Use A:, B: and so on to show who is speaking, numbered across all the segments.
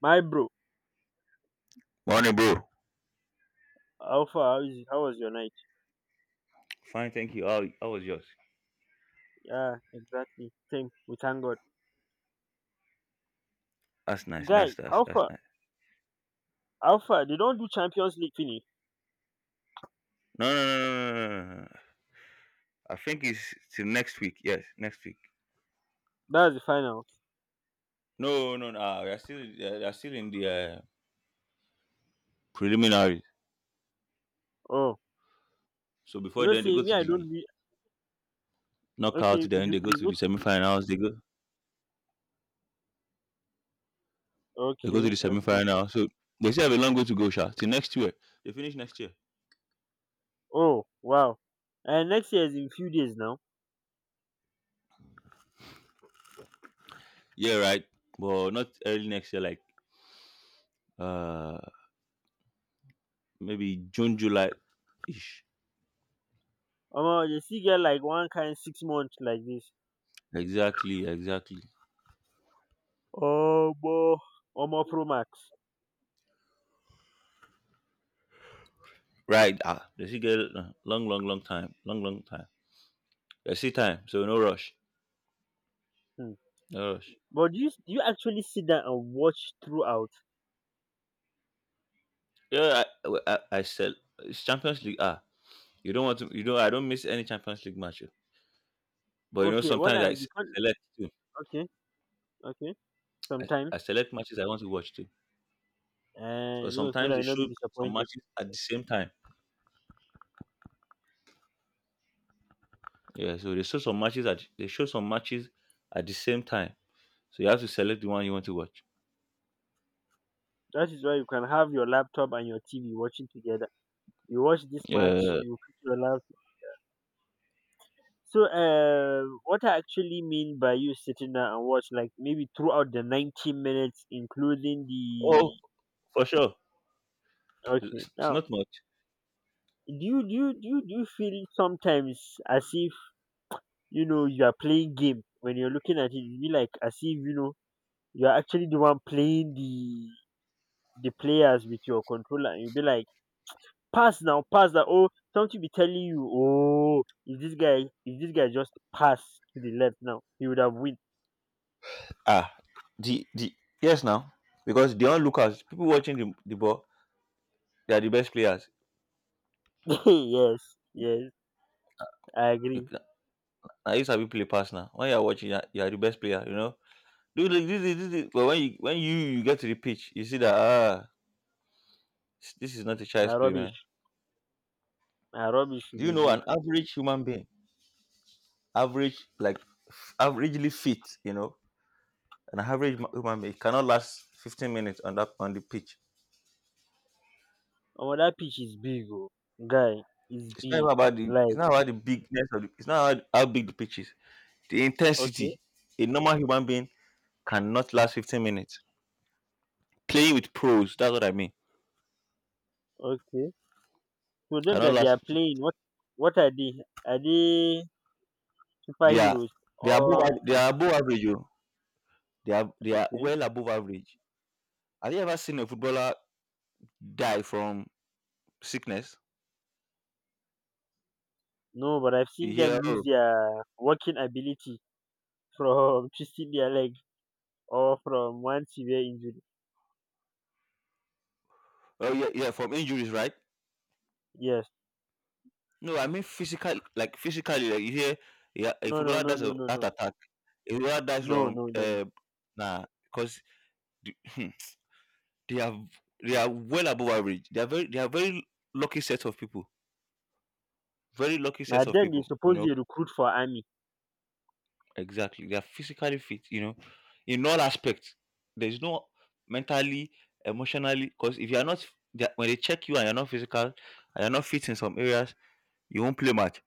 A: My bro,
B: Morning, bro.
A: how far? How was your night?
B: Fine, thank you. How was yours?
A: Yeah, exactly. Same. We thank God.
B: That's nice.
A: Guy,
B: That's that's
A: how
B: that's
A: far?
B: nice.
A: How far? They don't do Champions League finish.
B: No, no, no, no, no, no, no, no, no. I think it's till next week. Yes, next week.
A: That's the finals.
B: No, no, no. We are still they're still in the preliminaries.
A: Oh,
B: So before then, they
A: say
B: go
A: me,
B: to
A: I
B: the
A: don't be okay.
B: knockout. Then
A: You
B: they go
A: they
B: to
A: go
B: the
A: to the
B: semifinals. They go to the
A: okay. Okay.
B: semifinal. So they still have a long way to go, Sha. Till next year, they finish next year.
A: Oh, wow. And next year is in few days now.
B: Yeah, right. But not early next year. Like uh, maybe June, July ish.
A: They still get like one kind 6 months like this.
B: Exactly, exactly.
A: Oh, boy. Omo Pro Max.
B: Right. They still get it. Long, long, long time. Long, long time. They see time. So no rush.
A: Hmm.
B: No rush.
A: But do you actually sit down and watch throughout?
B: Yeah, I said it's Champions League. You don't want to. You know, I don't miss any Champions League match. Oh. But you know,
A: Okay, what
B: sometimes
A: I'm the
B: select too.
A: okay, okay.
B: I,
A: Sometimes.
B: I select matches I want to watch too.
A: And you
B: Because
A: know so that
B: sometimes they
A: you not be
B: show some
A: disappointed.
B: matches at the same time. Yeah. So they show some matches at the same time. So you have to select the one you want to watch.
A: That is why you can have your laptop and your TV watching together. You watch this match,
B: Yeah.
A: you put your laptop. So, what I actually mean by you sitting down and watch, like maybe throughout the 90 minutes, including
B: Oh,
A: the
B: for sure.
A: okay.
B: It's
A: Now,
B: not much.
A: do you feel sometimes as if you know you are playing game when you're looking at it? You be like as if you know you are actually the one playing the players with your controller, and you be like pass now, pass that. Oh, something be telling you, oh, if this guy just pass to the left now, he would have win.
B: Ah, the yes now because they all look as people watching the ball. They are the best players.
A: Yes, yes, I
B: You
A: agree.
B: ca- Na you play pass now. When you are watching, you are the best player. You know, do this, this, this, this. But when you get to the pitch, you see that ah, this is not a child's
A: Na
B: play, man.
A: rubbish, na rubbish you
B: Do you
A: dey
B: know
A: do.
B: an average human being, average like averagely fit, you know, an average human being cannot last 15 minutes on that on the pitch.
A: Oh, that pitch is big oh, guy, is
B: It's not
A: big.
B: even about the it's
A: Like
B: not about the bigness of the, it's not about how big the pitch is. The
A: okay,
B: intensity a normal human being cannot last 15 minutes. Playing with pros, that's what I mean.
A: okay. So them
B: Cannot
A: that they
B: last
A: are
B: 15.
A: playing, what are they? Are they
B: They are
A: superheroes
B: they are above
A: or
B: they are above average. Oh. They are
A: okay?
B: well above average. Have you ever seen a footballer die from sickness?
A: No, but I've
B: You
A: seen
B: hear
A: them lose
B: oh,
A: their working ability from twisting their leg or from one severe injury.
B: oh yeah, yeah from injuries, right?
A: Yes.
B: No, I mean physical like physically like you hear yeah a
A: No, no,
B: footballer
A: no,
B: dies
A: no,
B: of
A: no,
B: heart
A: no.
B: attack. A footballer dies
A: No,
B: from
A: no, no, no.
B: nah because They are they are well above average. They are very lucky set of people. Very lucky
A: Na
B: set of
A: then they
B: people. You
A: suppose they
B: know
A: recruit for army.
B: exactly. They are physically fit. You know, in all aspects. There is no mentally, emotionally. Because if you are not when they check you and you're not physical and you're not fit in some areas, you won't play much.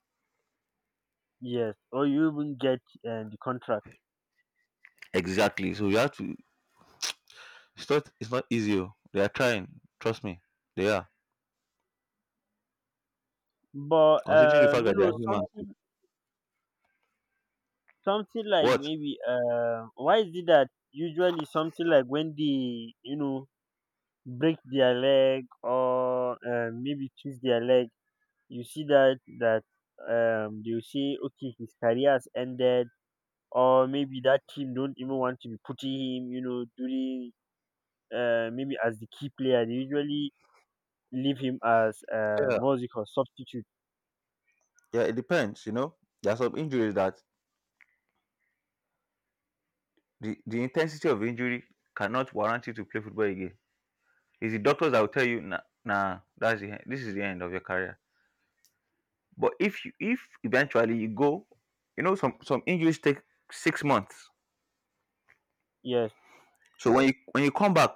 A: Yes. Or you even get the contract.
B: Exactly. So you have to. It's not. It's not easy. Oh. They are trying. Trust me. They are
A: But
B: considering the fact
A: you
B: that they
A: know
B: are humans.
A: something, something like
B: What?
A: maybe why is it that usually something like when they you know break their leg or maybe twist their leg, you see that they will say okay his career has ended or maybe that team don't even want to be putting him you know during maybe as the key player. They usually leave him as
B: Yeah.
A: what was it called? Substitute.
B: Yeah. It depends. You know, there are some injuries that the intensity of injury cannot warrant you to play football again. It's the doctors that will tell you, nah, nah that's the end. This is the end of your career. But if eventually you go, you know some injuries take 6 months.
A: Yes,
B: So when you come back,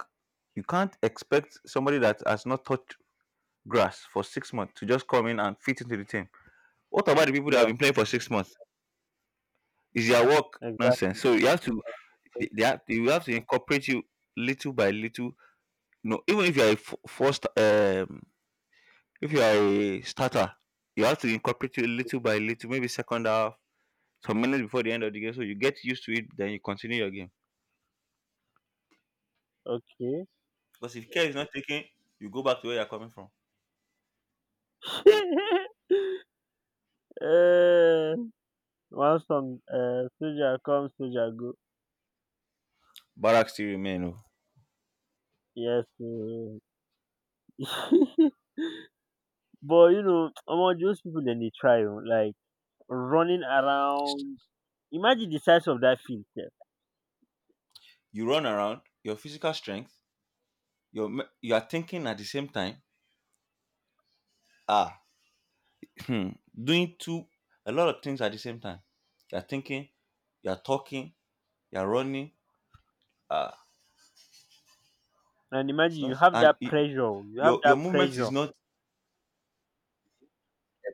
B: you can't expect somebody that has not touched grass for 6 months to just come in and fit into the team. What about the people that have
A: yeah,
B: been playing for 6 months? Is their work nonsense? So
A: exactly.
B: you have to you have to incorporate you little by little. No, even if you are a f- first If you are a starter, you have to incorporate it little by little, maybe second half, some minutes before the end of the game, so you get used to it, then you continue your game.
A: Okay.
B: Because if care is not taken, you go back to where you're coming from.
A: uh, one song, soldier come, soldier go.
B: Barracks still remain. Oh.
A: Yes. But you know, among those people, then they try oh, like running around. Imagine the size of that field, sef,
B: You run around, your physical strength, you are thinking at the same time. Ah, doing two a lot of things at the same time. You're thinking, you're talking, you're running. Ah,
A: and imagine
B: it's
A: you
B: not
A: have
B: and
A: that
B: it,
A: pressure. Oh, you have
B: your
A: that
B: movement
A: pressure.
B: is not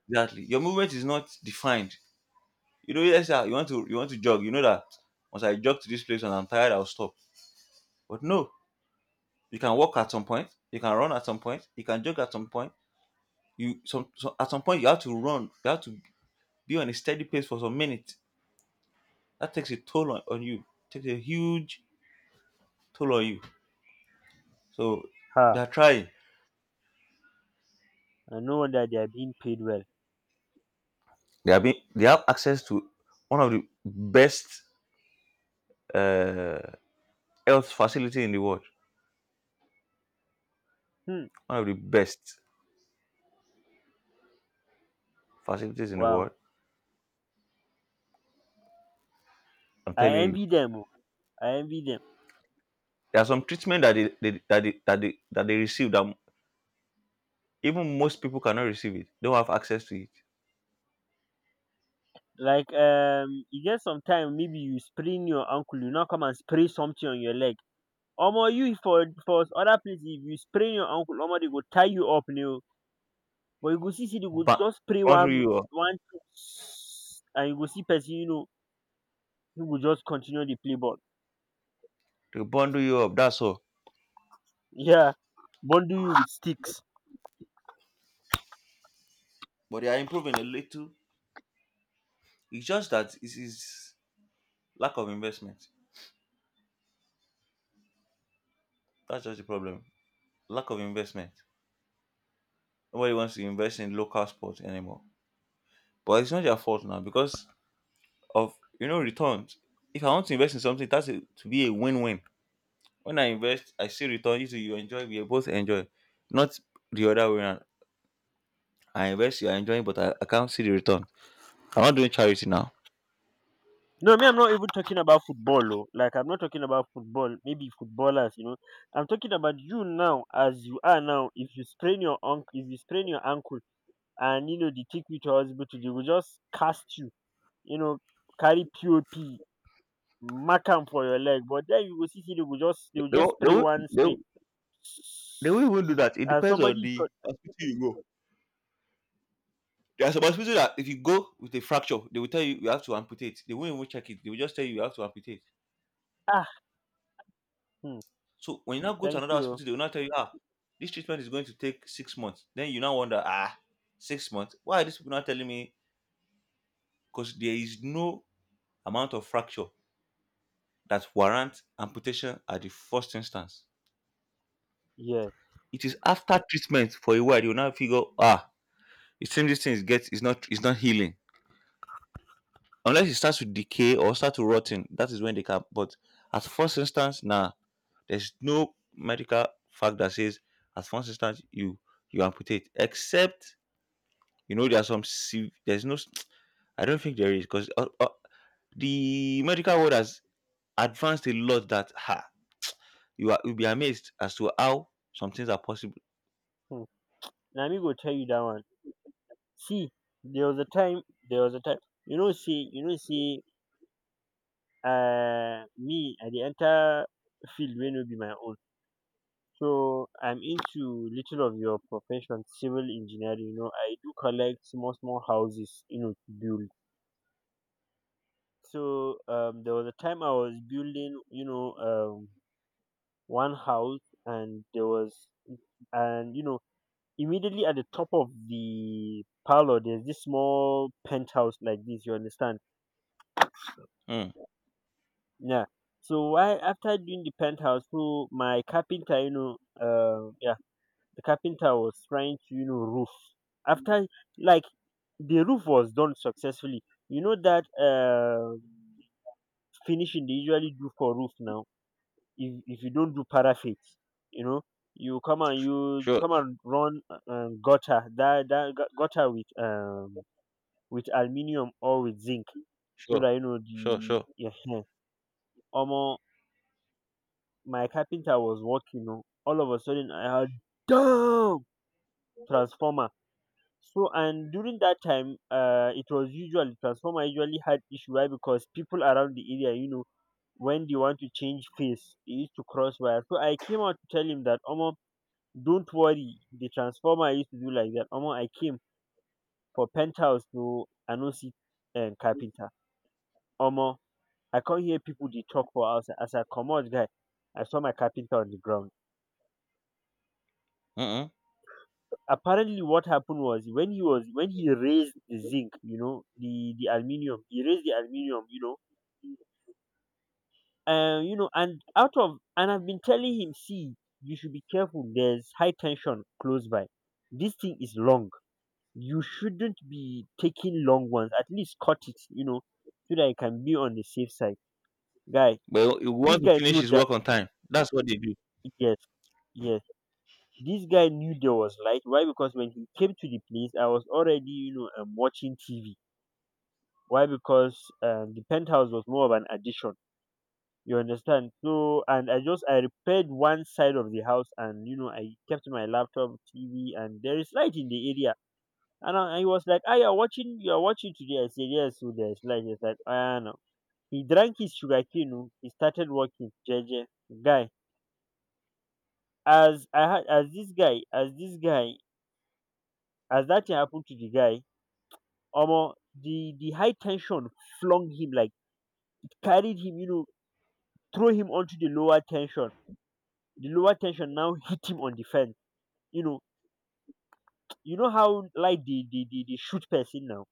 B: exactly your movement is not defined. You know, yes, sir, you want to jog. You know that once I jog to this place and I'm tired, I'll stop. But no, you can walk at some point, you can run at some point, you can jog at some point. You some at some point you have to run. You have to be on a steady pace for some minutes. That takes a toll on you. Takes a huge toll on you. So they
A: Ha!
B: are trying.
A: I know that they are being paid well.
B: They are being They have access to one of the best uh, health facility in the world.
A: Hmm.
B: One of the best facilities in the
A: Wow.
B: world. I'm
A: I
B: telling you.
A: envy them. Oh. I envy them.
B: There are some treatment that they that they, that they that they receive that even most people cannot receive it. They don't have access to it.
A: Like you get some time. Maybe you sprain your ankle, you now come and spray something on your leg. Omo you for other places if you sprain your ankle, omo they go tie you up now. But you go see say they go
B: But
A: just spray
B: bundle you up.
A: one thing and you go see person you know who will just continue the play ball.
B: They bundle you up. That's all.
A: Yeah. Bundle you with sticks.
B: But they are improving a little. It's just that it is lack of investment. That's just the problem. Lack of investment. Nobody wants to invest in local sports anymore. But it's not their fault now because of you know returns. If I want to invest in something, that's a, to be a win-win. When I invest, I see return. You too, you enjoy. We both enjoy. Not the other way around. I invest, you are enjoying, but I can't see the return. I'm not doing charity now.
A: No, me I'm not even talking about football oh. Like I'm not talking about football, maybe footballers, you know. I'm talking about you now as you are now. If you sprain your ankle If you sprain your ankle and you know they take you to hospital they will just cast you you know carry pop mark am for your leg but then you go see say they will
B: They
A: just
B: won't, they
A: spray
B: won't,
A: one
B: they
A: spray
B: won't, they won't even do that. It
A: and
B: depends on
A: somebody is
B: the hospital you go. There's a hospital that if you go with a fracture, they will tell you you have to amputate. They won't even check it. They will just tell you you have to amputate.
A: ah, hmm,
B: So when you now go to
A: thank
B: another
A: you o.
B: hospital, they will now tell you, ah, this treatment is going to take 6 months. Then you now wonder, ah, 6 months. Why are these people not telling me? Because there is no amount of fracture that warrants amputation at the first instance.
A: Yes,
B: It is after treatment for a while you now figure, ah, it seems these things get is not healing unless it starts to decay or start to rotten. That is when they can. But at first instance, nah, there's no medical fact that says at first instance you amputate. Except you know there are there's no I don't think there is because the medical world has advanced a lot. That ha you are you'll be amazed as to how some things are possible.
A: hmm. Na me go tell you that one. See, there was a time there was a time you know see, me I dey enter field wey no be my own. So I'm into little of your profession, civil engineering. You know, I do collect small small houses, you know, to build. So there was a time I was building, you know, one house, and there was, and you know, immediately at the top of the parlor, there's this small penthouse like this. You understand?
B: Mm,
A: Yeah. So why after doing the penthouse, so my carpenter, you know, the carpenter was trying to, you know, roof after like the roof was done successfully you know that finishing they usually do for roof now if you don't do paraffin you know you
B: sure,
A: come and run gutter that gutter with aluminium or with zinc so
B: sure,
A: that you know
B: sure,
A: the
B: sure.
A: yeah almost my carpenter was working you know, all of a sudden I had damn transformer. So and during that time, it was usual transformer usually had issue why because people around the area, you know, when they want to change phase, they used to cross wire. So I came out to tell him that, Omo, don't worry, the transformer I used to do like that. Omo, I came for penthouse to Anosi and carpenter. Omo, I can't hear people they talk for outside. As I come out, guy, I saw my carpenter on the ground.
B: Mm-mm.
A: Apparently what happened was when he raised the zinc you know the aluminum he raised the aluminum you know and out of and I've been telling him see you should be careful there's high tension close by this thing is long you shouldn't be taking long ones at least cut it you know so that I can be on the safe side guy
B: But he
A: this
B: wants to
A: guy
B: finish
A: knew
B: his
A: that.
B: work on time. That's what they do.
A: Yes, yes, this guy knew there was light why because when he came to the place I was already you know watching TV. Why? Because the penthouse was more of an addition. You understand? So, and I repaired one side of the house, and you know I kept my laptop, TV, and there is light in the area. And I was like, "Ah, you're watching today." I said, "Yes, so there's light." He's like, "Ah, no." He drank his sugar cane. Oh, he started working. JJ guy, as this guy, as that thing happened to the guy, Omo, the high tension flung him like carried him, you know, throw him onto the lower tension. The lower tension now hit him on the fence. You know, you know how like the shoot person now.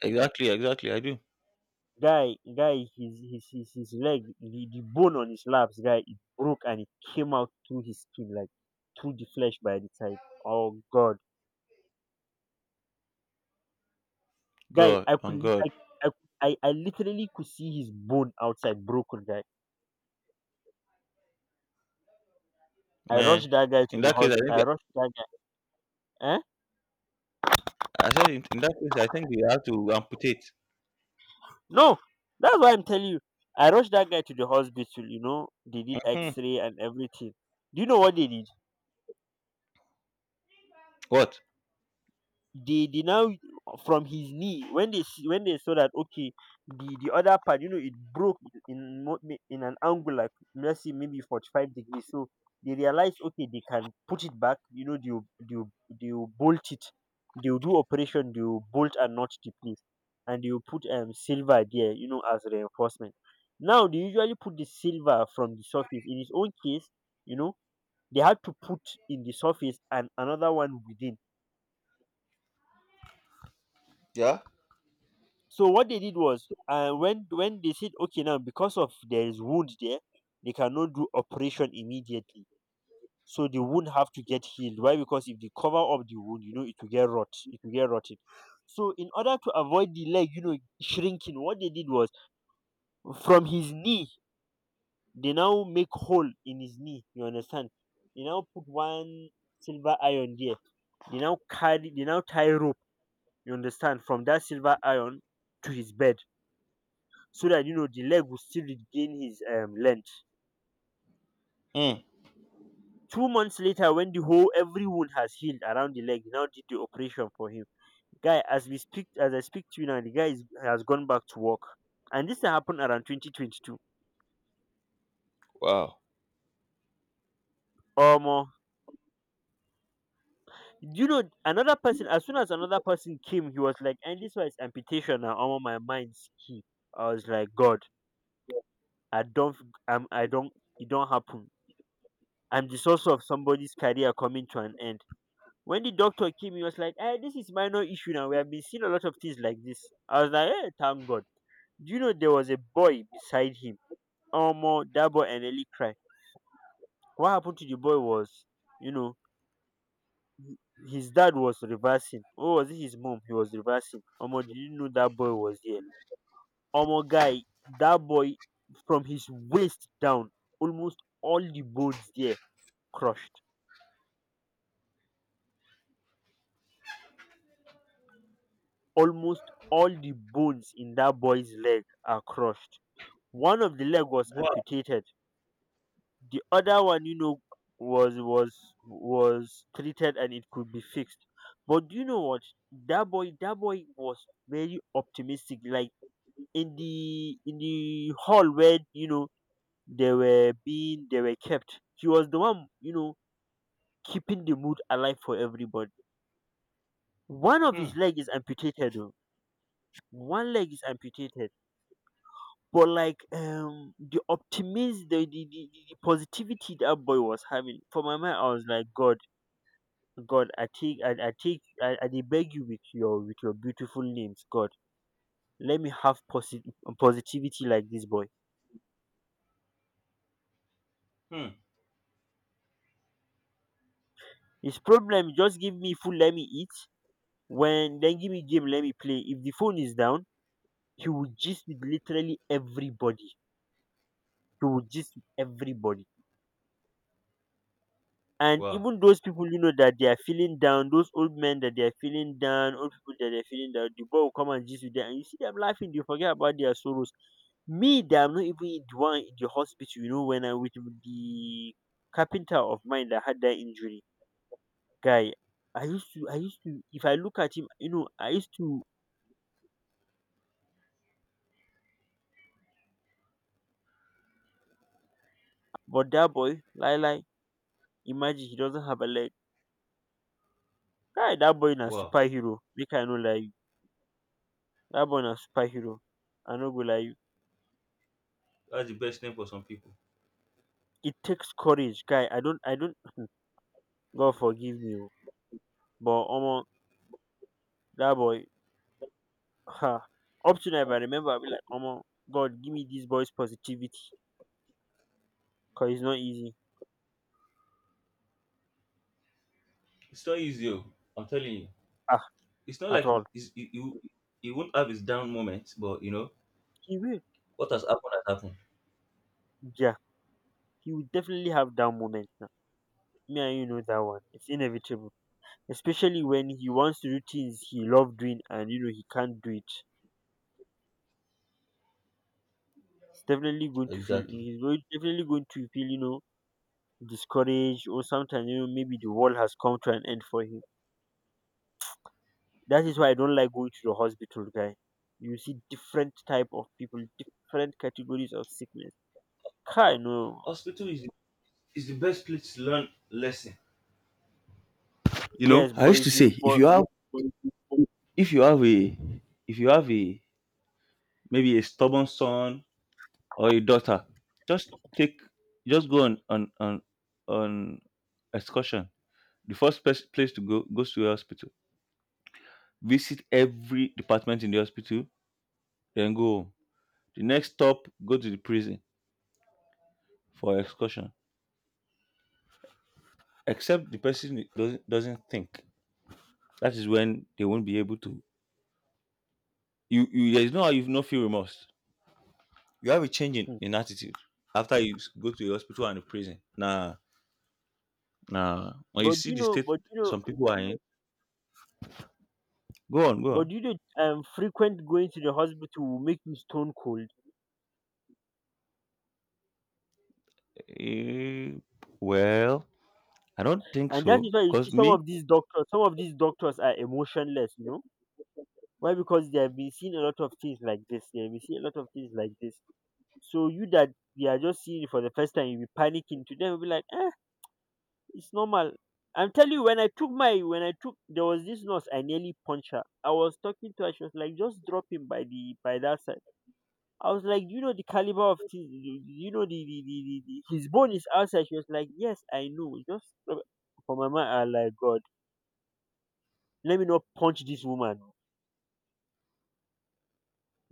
B: Exactly, exactly. I do.
A: Guy, guy, his leg, the bone on his laps, guy, it broke and it came out through his skin, like through the flesh by the side. Oh God, guy,
B: God,
A: I
B: on
A: could,
B: God,
A: I, I literally could see his bone outside broken, guy. I
B: man.
A: rushed that guy to
B: In
A: the
B: that case, I
A: hospital.
B: think
A: I rushed that guy. Eh?
B: in that case, I think we have to amputate.
A: No, that's why I'm telling you. I rushed that guy to the hospital, you know, they did x
B: Hmm.
A: ray and everything. Do you know what they did?
B: What?
A: They Now from his knee when they see when they saw that okay the other part you know it broke in mo- in an angle like let's say maybe 45 degrees so they realized okay they can put it back you know they will bolt it they will do operation they will bolt and not the place and they will put silver there you know as reinforcement. Now they usually put the silver from the surface. In his own case, you know, they had to put in the surface and another one within.
B: Yeah.
A: So what they did was, when they said, okay, now because of there is wound there, they cannot do operation immediately. So the wound have to get healed. Why? Because if they cover up the wound, you know, it will get rot. It will get rotted. So in order to avoid the leg, you know, shrinking, what they did was from his knee, they now make hole in his knee. You understand? They now put one silver iron there. They now carry. They now tie rope. You understand? From that silver iron to his bed so that you know the leg will still regain his length.
B: Hmm.
A: 2 months later, when the whole every wound has healed around the leg, he now did the operation for him. Guy, as we speak, as I speak to you now, the guy is, has gone back to work, and this happened around 2022
B: Wow.
A: or more. You know, another person. As soon as another person came, he was like, "And this was amputation." Now, all my mind's key, I was like, "God, I don't, I don't, it don't happen." I'm the source of somebody's career coming to an end. When the doctor came, he was like, hey, this is minor issue now. We have been seeing a lot of things like this. I was like, hey, thank God. Do you know there was a boy beside him? Omo, that boy and Eli cried. What happened to the boy was, you know, his dad was reversing. Oh, was it his mom? He was reversing. Omo, did you know that boy was there? Omo, guy, that boy, from his waist down, almost all the bones there crushed. Almost all the bones in that boy's leg are crushed. One of the leg was
B: Wow.
A: amputated. The other one, was treated and it could be fixed. But do you know what? That boy was very optimistic. Like in the hall where they were kept. He was the one, keeping the mood alive for everybody. One of
B: Hmm.
A: his leg is amputated. Oh. One leg is amputated, but like the optimism, the positivity that boy was having, for my mind I was like, God. God, I take I dey beg you with your beautiful names, God, let me have positivity like this boy.
B: Hmm.
A: His problem, just give me food, let me eat. When, then give me game, let me play. If the phone is down, he will gist with literally everybody. He will gist with everybody, and
B: Wow.
A: even those people, you know, that they are feeling down, those old men that they are feeling down, old people that they're feeling down, the boy will come and gist with them, and you see them laughing, they forget about their sorrows. Me, that I'm not even in the one in the hospital, you know, when I with the carpenter of mine that had that injury, guy, I used to, if I look at him, you know, I used to. But that boy, lie lie, imagine he doesn't have a leg. Guy, that boy na
B: Wow.
A: superhero, make I no lie you. That boy na superhero, I no go lie you.
B: That's the best name for some people.
A: It takes courage, guy. I don't, I don't. God forgive me, oh, but omo, that boy. Ha. Up to now, if I remember, I'll be like, omo, God, give me this boy's positivity, cause it's not easy.
B: It's not easy, oh. I'm telling you.
A: Ah,
B: It's not
A: at
B: like
A: all.
B: it's, it, you won't have his down moments, but you know
A: He will.
B: what has happened has happened.
A: Yeah, he will definitely have that moment now. Me and you know that one. It's inevitable, especially when he wants to do things he love doing, and you know he can't do it. It's definitely going to feel.
B: Exactly.
A: He's going, definitely going to feel, you know, discouraged, or sometimes you know maybe the world has come to an end for him. That is why I don't like going to the hospital, guy. You see different type of people, different categories of sickness. Kai
B: Ho-
A: no.
B: Hospital is the best place to learn lesson. You know,
A: Yes,
B: I
A: but
B: used to
A: if you
B: say
A: but
B: if you have a if you have a maybe a stubborn son or a daughter, just take just go on on excursion. The first place to go goes to a hospital, visit every department in the hospital, then go home. The next stop, go to the prison for excursion. Except the person doesn't think, that is when they won't be able to you, you there is no how you no feel remorse, you have a change
A: hmm.
B: in attitude after go to a hospital and a prison. Nah, nah. When you
A: but
B: see
A: you
B: the
A: know
B: state
A: but you know
B: some people are in. Go on, go
A: but
B: on.
A: you know frequent going to the hospital will make you stone cold.
B: Eh, well, I don't think
A: And that
B: so.
A: is why you see
B: Cause me,
A: some of these doctors are emotionless, you know? Why? Because they have been seeing a lot of things like this. They have been seeing a lot of things like this. So you that you are just seeing it for the first time, you'll be panicking to them, you'll be like, eh, it's normal. I'm telling you, when I took my, when I took, there was this nurse. I nearly punched her. I was talking to her. She was like, just drop him by the by that side. I was like, you know the caliber of things. You know the his bone is outside. She was like, yes, I know. Just drop it. For my mind, I like God. Let me not punch this woman.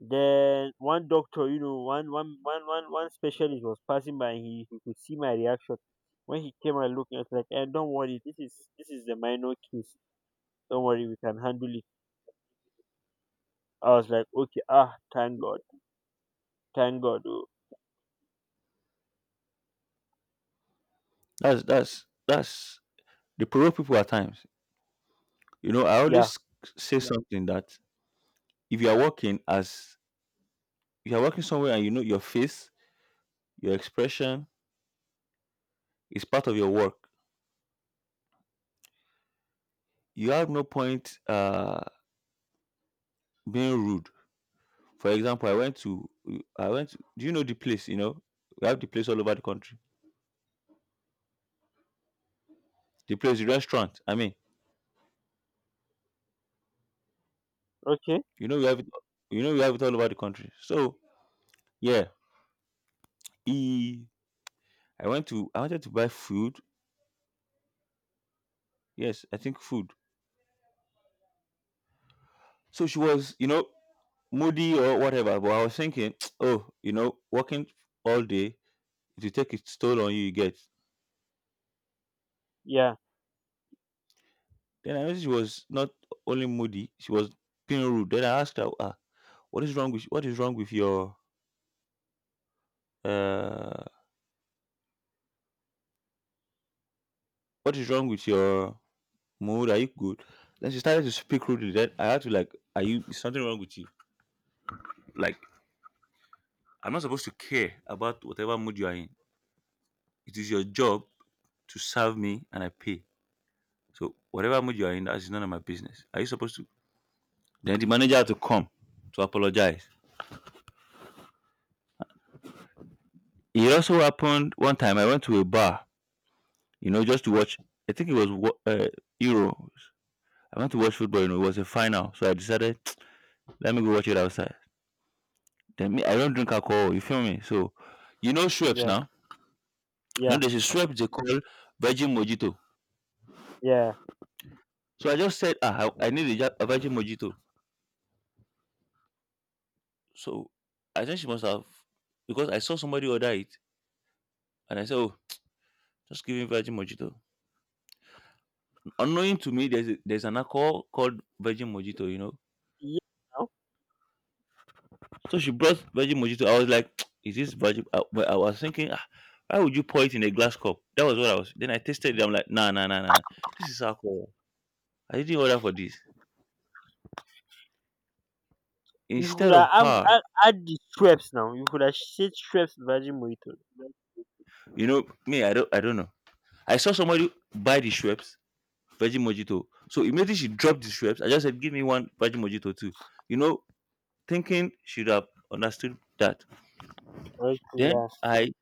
A: Then one doctor, you know, one specialist was passing by. He could see my reaction. When he came and looked, I was like, and don't worry, this is the minor case. Don't worry, we can handle it. I was like, okay, ah, thank God, thank God. Oh,
B: that's the pro people at times. You know, I
A: yeah,
B: always say yeah, something that if you are working as if you are working somewhere and you know your face, your expression is part of your work. You have no point being rude. For example, I went to— do you know the place? You know, we have the place all over the country. The place, the restaurant. I mean,
A: okay,
B: you know, we have it. You know, we have it all over the country. So yeah. E. I wanted to buy food. Yes, I think food. So she was, you know, moody or whatever. But I was thinking, oh, you know, working all day, if you take its toll on you, you get.
A: yeah,
B: Then I noticed she was not only moody, she was being rude. Then I asked her, what is wrong with what is wrong with your uh what is wrong with your mood? Are you good? Then she started to speak rudely. Then I had to like, are you is something wrong with you? Like I'm not supposed to care about whatever mood you are in. It is your job to serve me and I pay. So whatever mood you are in, that's none of my business. Are you supposed to? Then the manager had to come to apologize. It also happened one time. I went to a bar, you know, just to watch. I think it was Euros. I went to watch football. You know, it was a final, so I decided let me go watch it outside. Then me, I don't drink alcohol. You feel me? So, you know, Schweppes
A: yeah,
B: now. You
A: yeah,
B: know, there's a Schweppes they call Virgin Mojito.
A: yeah,
B: So I just said, ah, I need a, a Virgin Mojito. So I think she must have, because I saw somebody order it, and I said, oh, just give me Virgin Mojito. Unknowing to me, there's a, there's an alcohol called Virgin Mojito, you know.
A: yeah. Now
B: So she brought Virgin Mojito. I was like, is this virgin? I, but I was thinking, ah, why would you pour it in a glass cup? That was what I was. Then I tasted it. I'm like, nah, nah, nah, nah, nah. This is alcohol. I didn't order for this.
A: you could
B: Instead of
A: have add,
B: her,
A: add, the Schweppes now. You could have said Schweppes Virgin Mojito.
B: you know, me, I don't know. I saw somebody buy the Schweppes Virgin Mojito. So immediately she dropped the Schweppes. I just said, give me one Virgin Mojito too. You know, thinking she'd have understood that.
A: Okay,
B: Then I,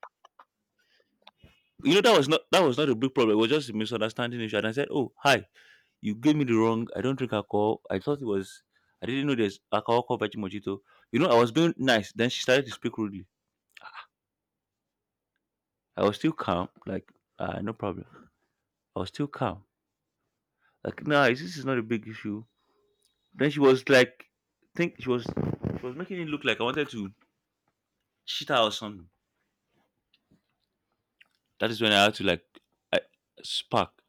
B: that was not a big problem. It was just a misunderstanding issue. And I said, "Oh, hi, you gave me the wrong. I don't drink alcohol. I thought it was. I didn't know there's alcohol called Veggie Mojito." You know, I was being nice. Then she started to speak rudely. I was still calm, like no problem. I was still calm. Like, nah, this is not a big issue. Then she was like, think she was making it look like I wanted to cheat her or something. That is when I had to like I, spark.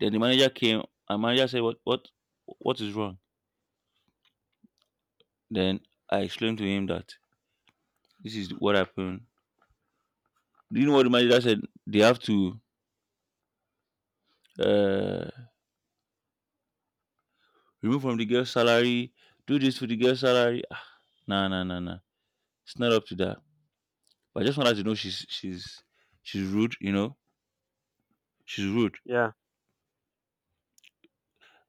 B: Then the manager came. And manager said, what is wrong?" Then I explained to him that this is what happened. Do you know what the manager said? They have to uh, remove from the girl's salary, do this for the girl's salary. Ah, nah, nah, nah, nah. It's not up to that. But I just want her to know she's rude. You know, she's rude.
A: yeah,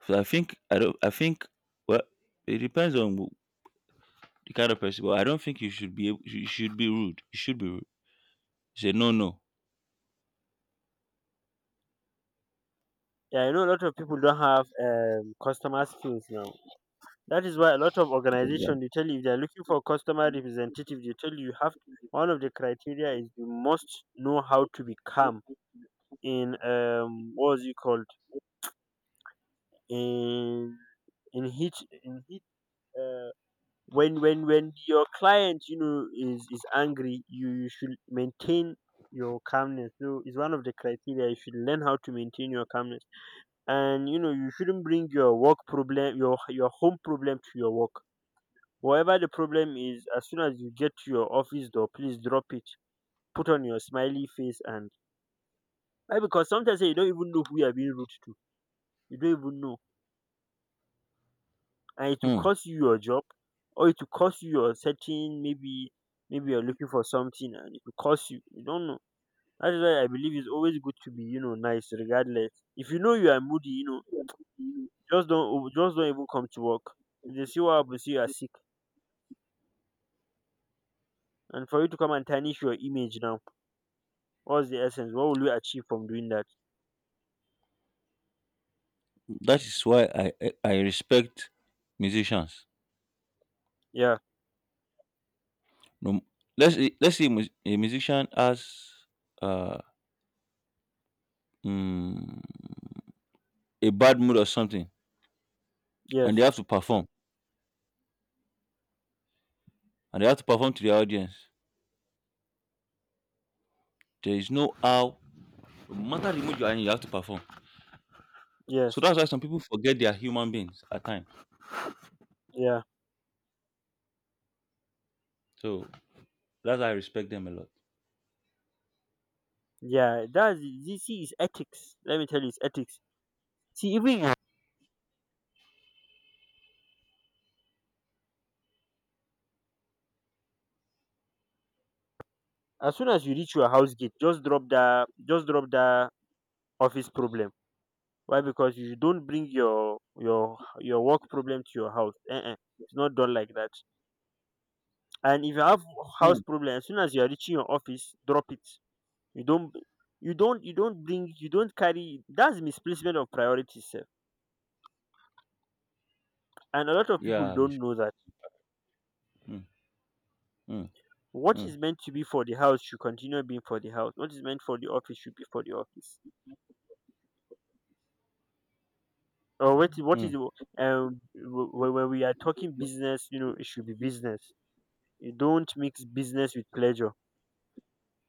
B: So I think I don't. I think, well, it depends on the kind of person. But I don't think you should be able, you should be rude. You should be rude. Say no, no.
A: yeah. I know a lot of people don't have customer skills now. That is why a lot of
B: Exactly.
A: organizations, they tell you if they are looking for customer representative, they tell you you have one of the criteria is you must know how to be calm in what was it called, in in heat, in heat, uh, when when your client, you know, is angry, you should maintain your calmness. So it's one of the criteria, you should learn how to maintain your calmness. And you know, you shouldn't bring your work problem, your home problem to your work. Whatever the problem is, as soon as you get to your office door, please drop it. Put on your smiley face. And why? Because sometimes, you don't even know who you are being rude to. You don't even know, and it will
B: Hmm.
A: cost you your job, or it will cost you your setting. Maybe maybe you're looking for something and it will cost you. You don't know. That is why I believe it's always good to be, you know, nice regardless. If you know you are moody, you know, just don't even come to work. If they see what happens, you are sick. And for you to come and tarnish your image now, what's the essence? What will you achieve from doing that?
B: That is why I respect musicians.
A: Yeah.
B: No, let's let's say a a musician has uh, mm, a bad mood or something, and they
A: Yes.
B: have to perform, and they have to perform to the audience. There is no how, no matter the mood you are in, you have to perform. So
A: Yes.
B: that's why some people forget they are human beings at times.
A: Yeah.
B: So that's why I respect them a lot.
A: Yeah. That's, this is ethics. Let me tell you, it's ethics. See, even as soon as you reach your house gate, just drop that office problem. Why? Because you don't bring your work problem to your house. It's not done like that. And if you have house
B: Hmm.
A: problem, as soon as you are reaching your office, drop it. you don't you don't bring you don't carry. That's misplacement of priorities, sir. And a lot of people
B: Yeah,
A: don't
B: Miss.
A: know that.
B: Mm, mm,
A: What
B: mm,
A: is meant to be for the house should continue being for the house. What is meant for the office should be for the office. Or what? Is, what is
B: mm,
A: the, when we are talking business? You know, it should be business. You don't mix business with pleasure.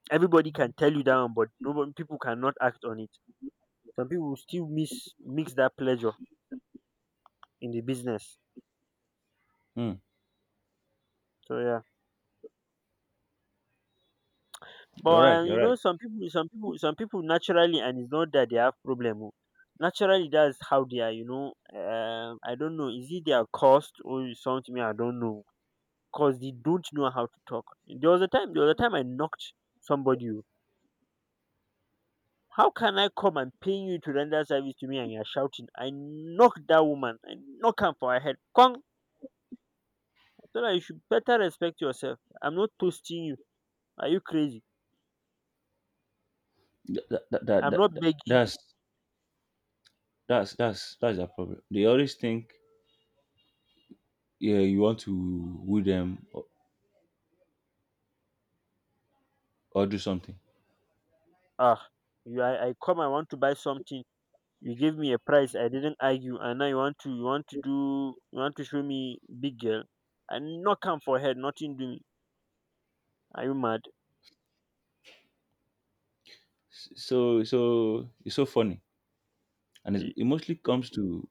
A: Everybody can tell you down, but nobody people cannot act on it. Some people still miss mix that pleasure in the business.
B: mm.
A: So yeah, but
B: You're right. You're
A: you know,
B: right.
A: some people naturally, and it's not that they have problem. Oh. Naturally, that's how they are. You know, I don't know. Is it their cost or is something? I don't know, because they don't know how to talk. There was a time I knocked somebody. Oh, how can I come and pay you to render service to me and you're shouting? I knocked that woman. I knock her for her head. Kong. I told her you should better respect yourself. I'm not toasting you. Are you crazy? I'm not begging you.
B: That's that's their problem. They always think yeah you want to woo them, or do something.
A: Ah, you, I come, I want to buy something. You gave me a price. I didn't argue, and now you want to, you want to do you want to show me big girl. I knock her for her head, nothing doing. Are you mad?
B: So so it's so funny, and it's, it mostly comes to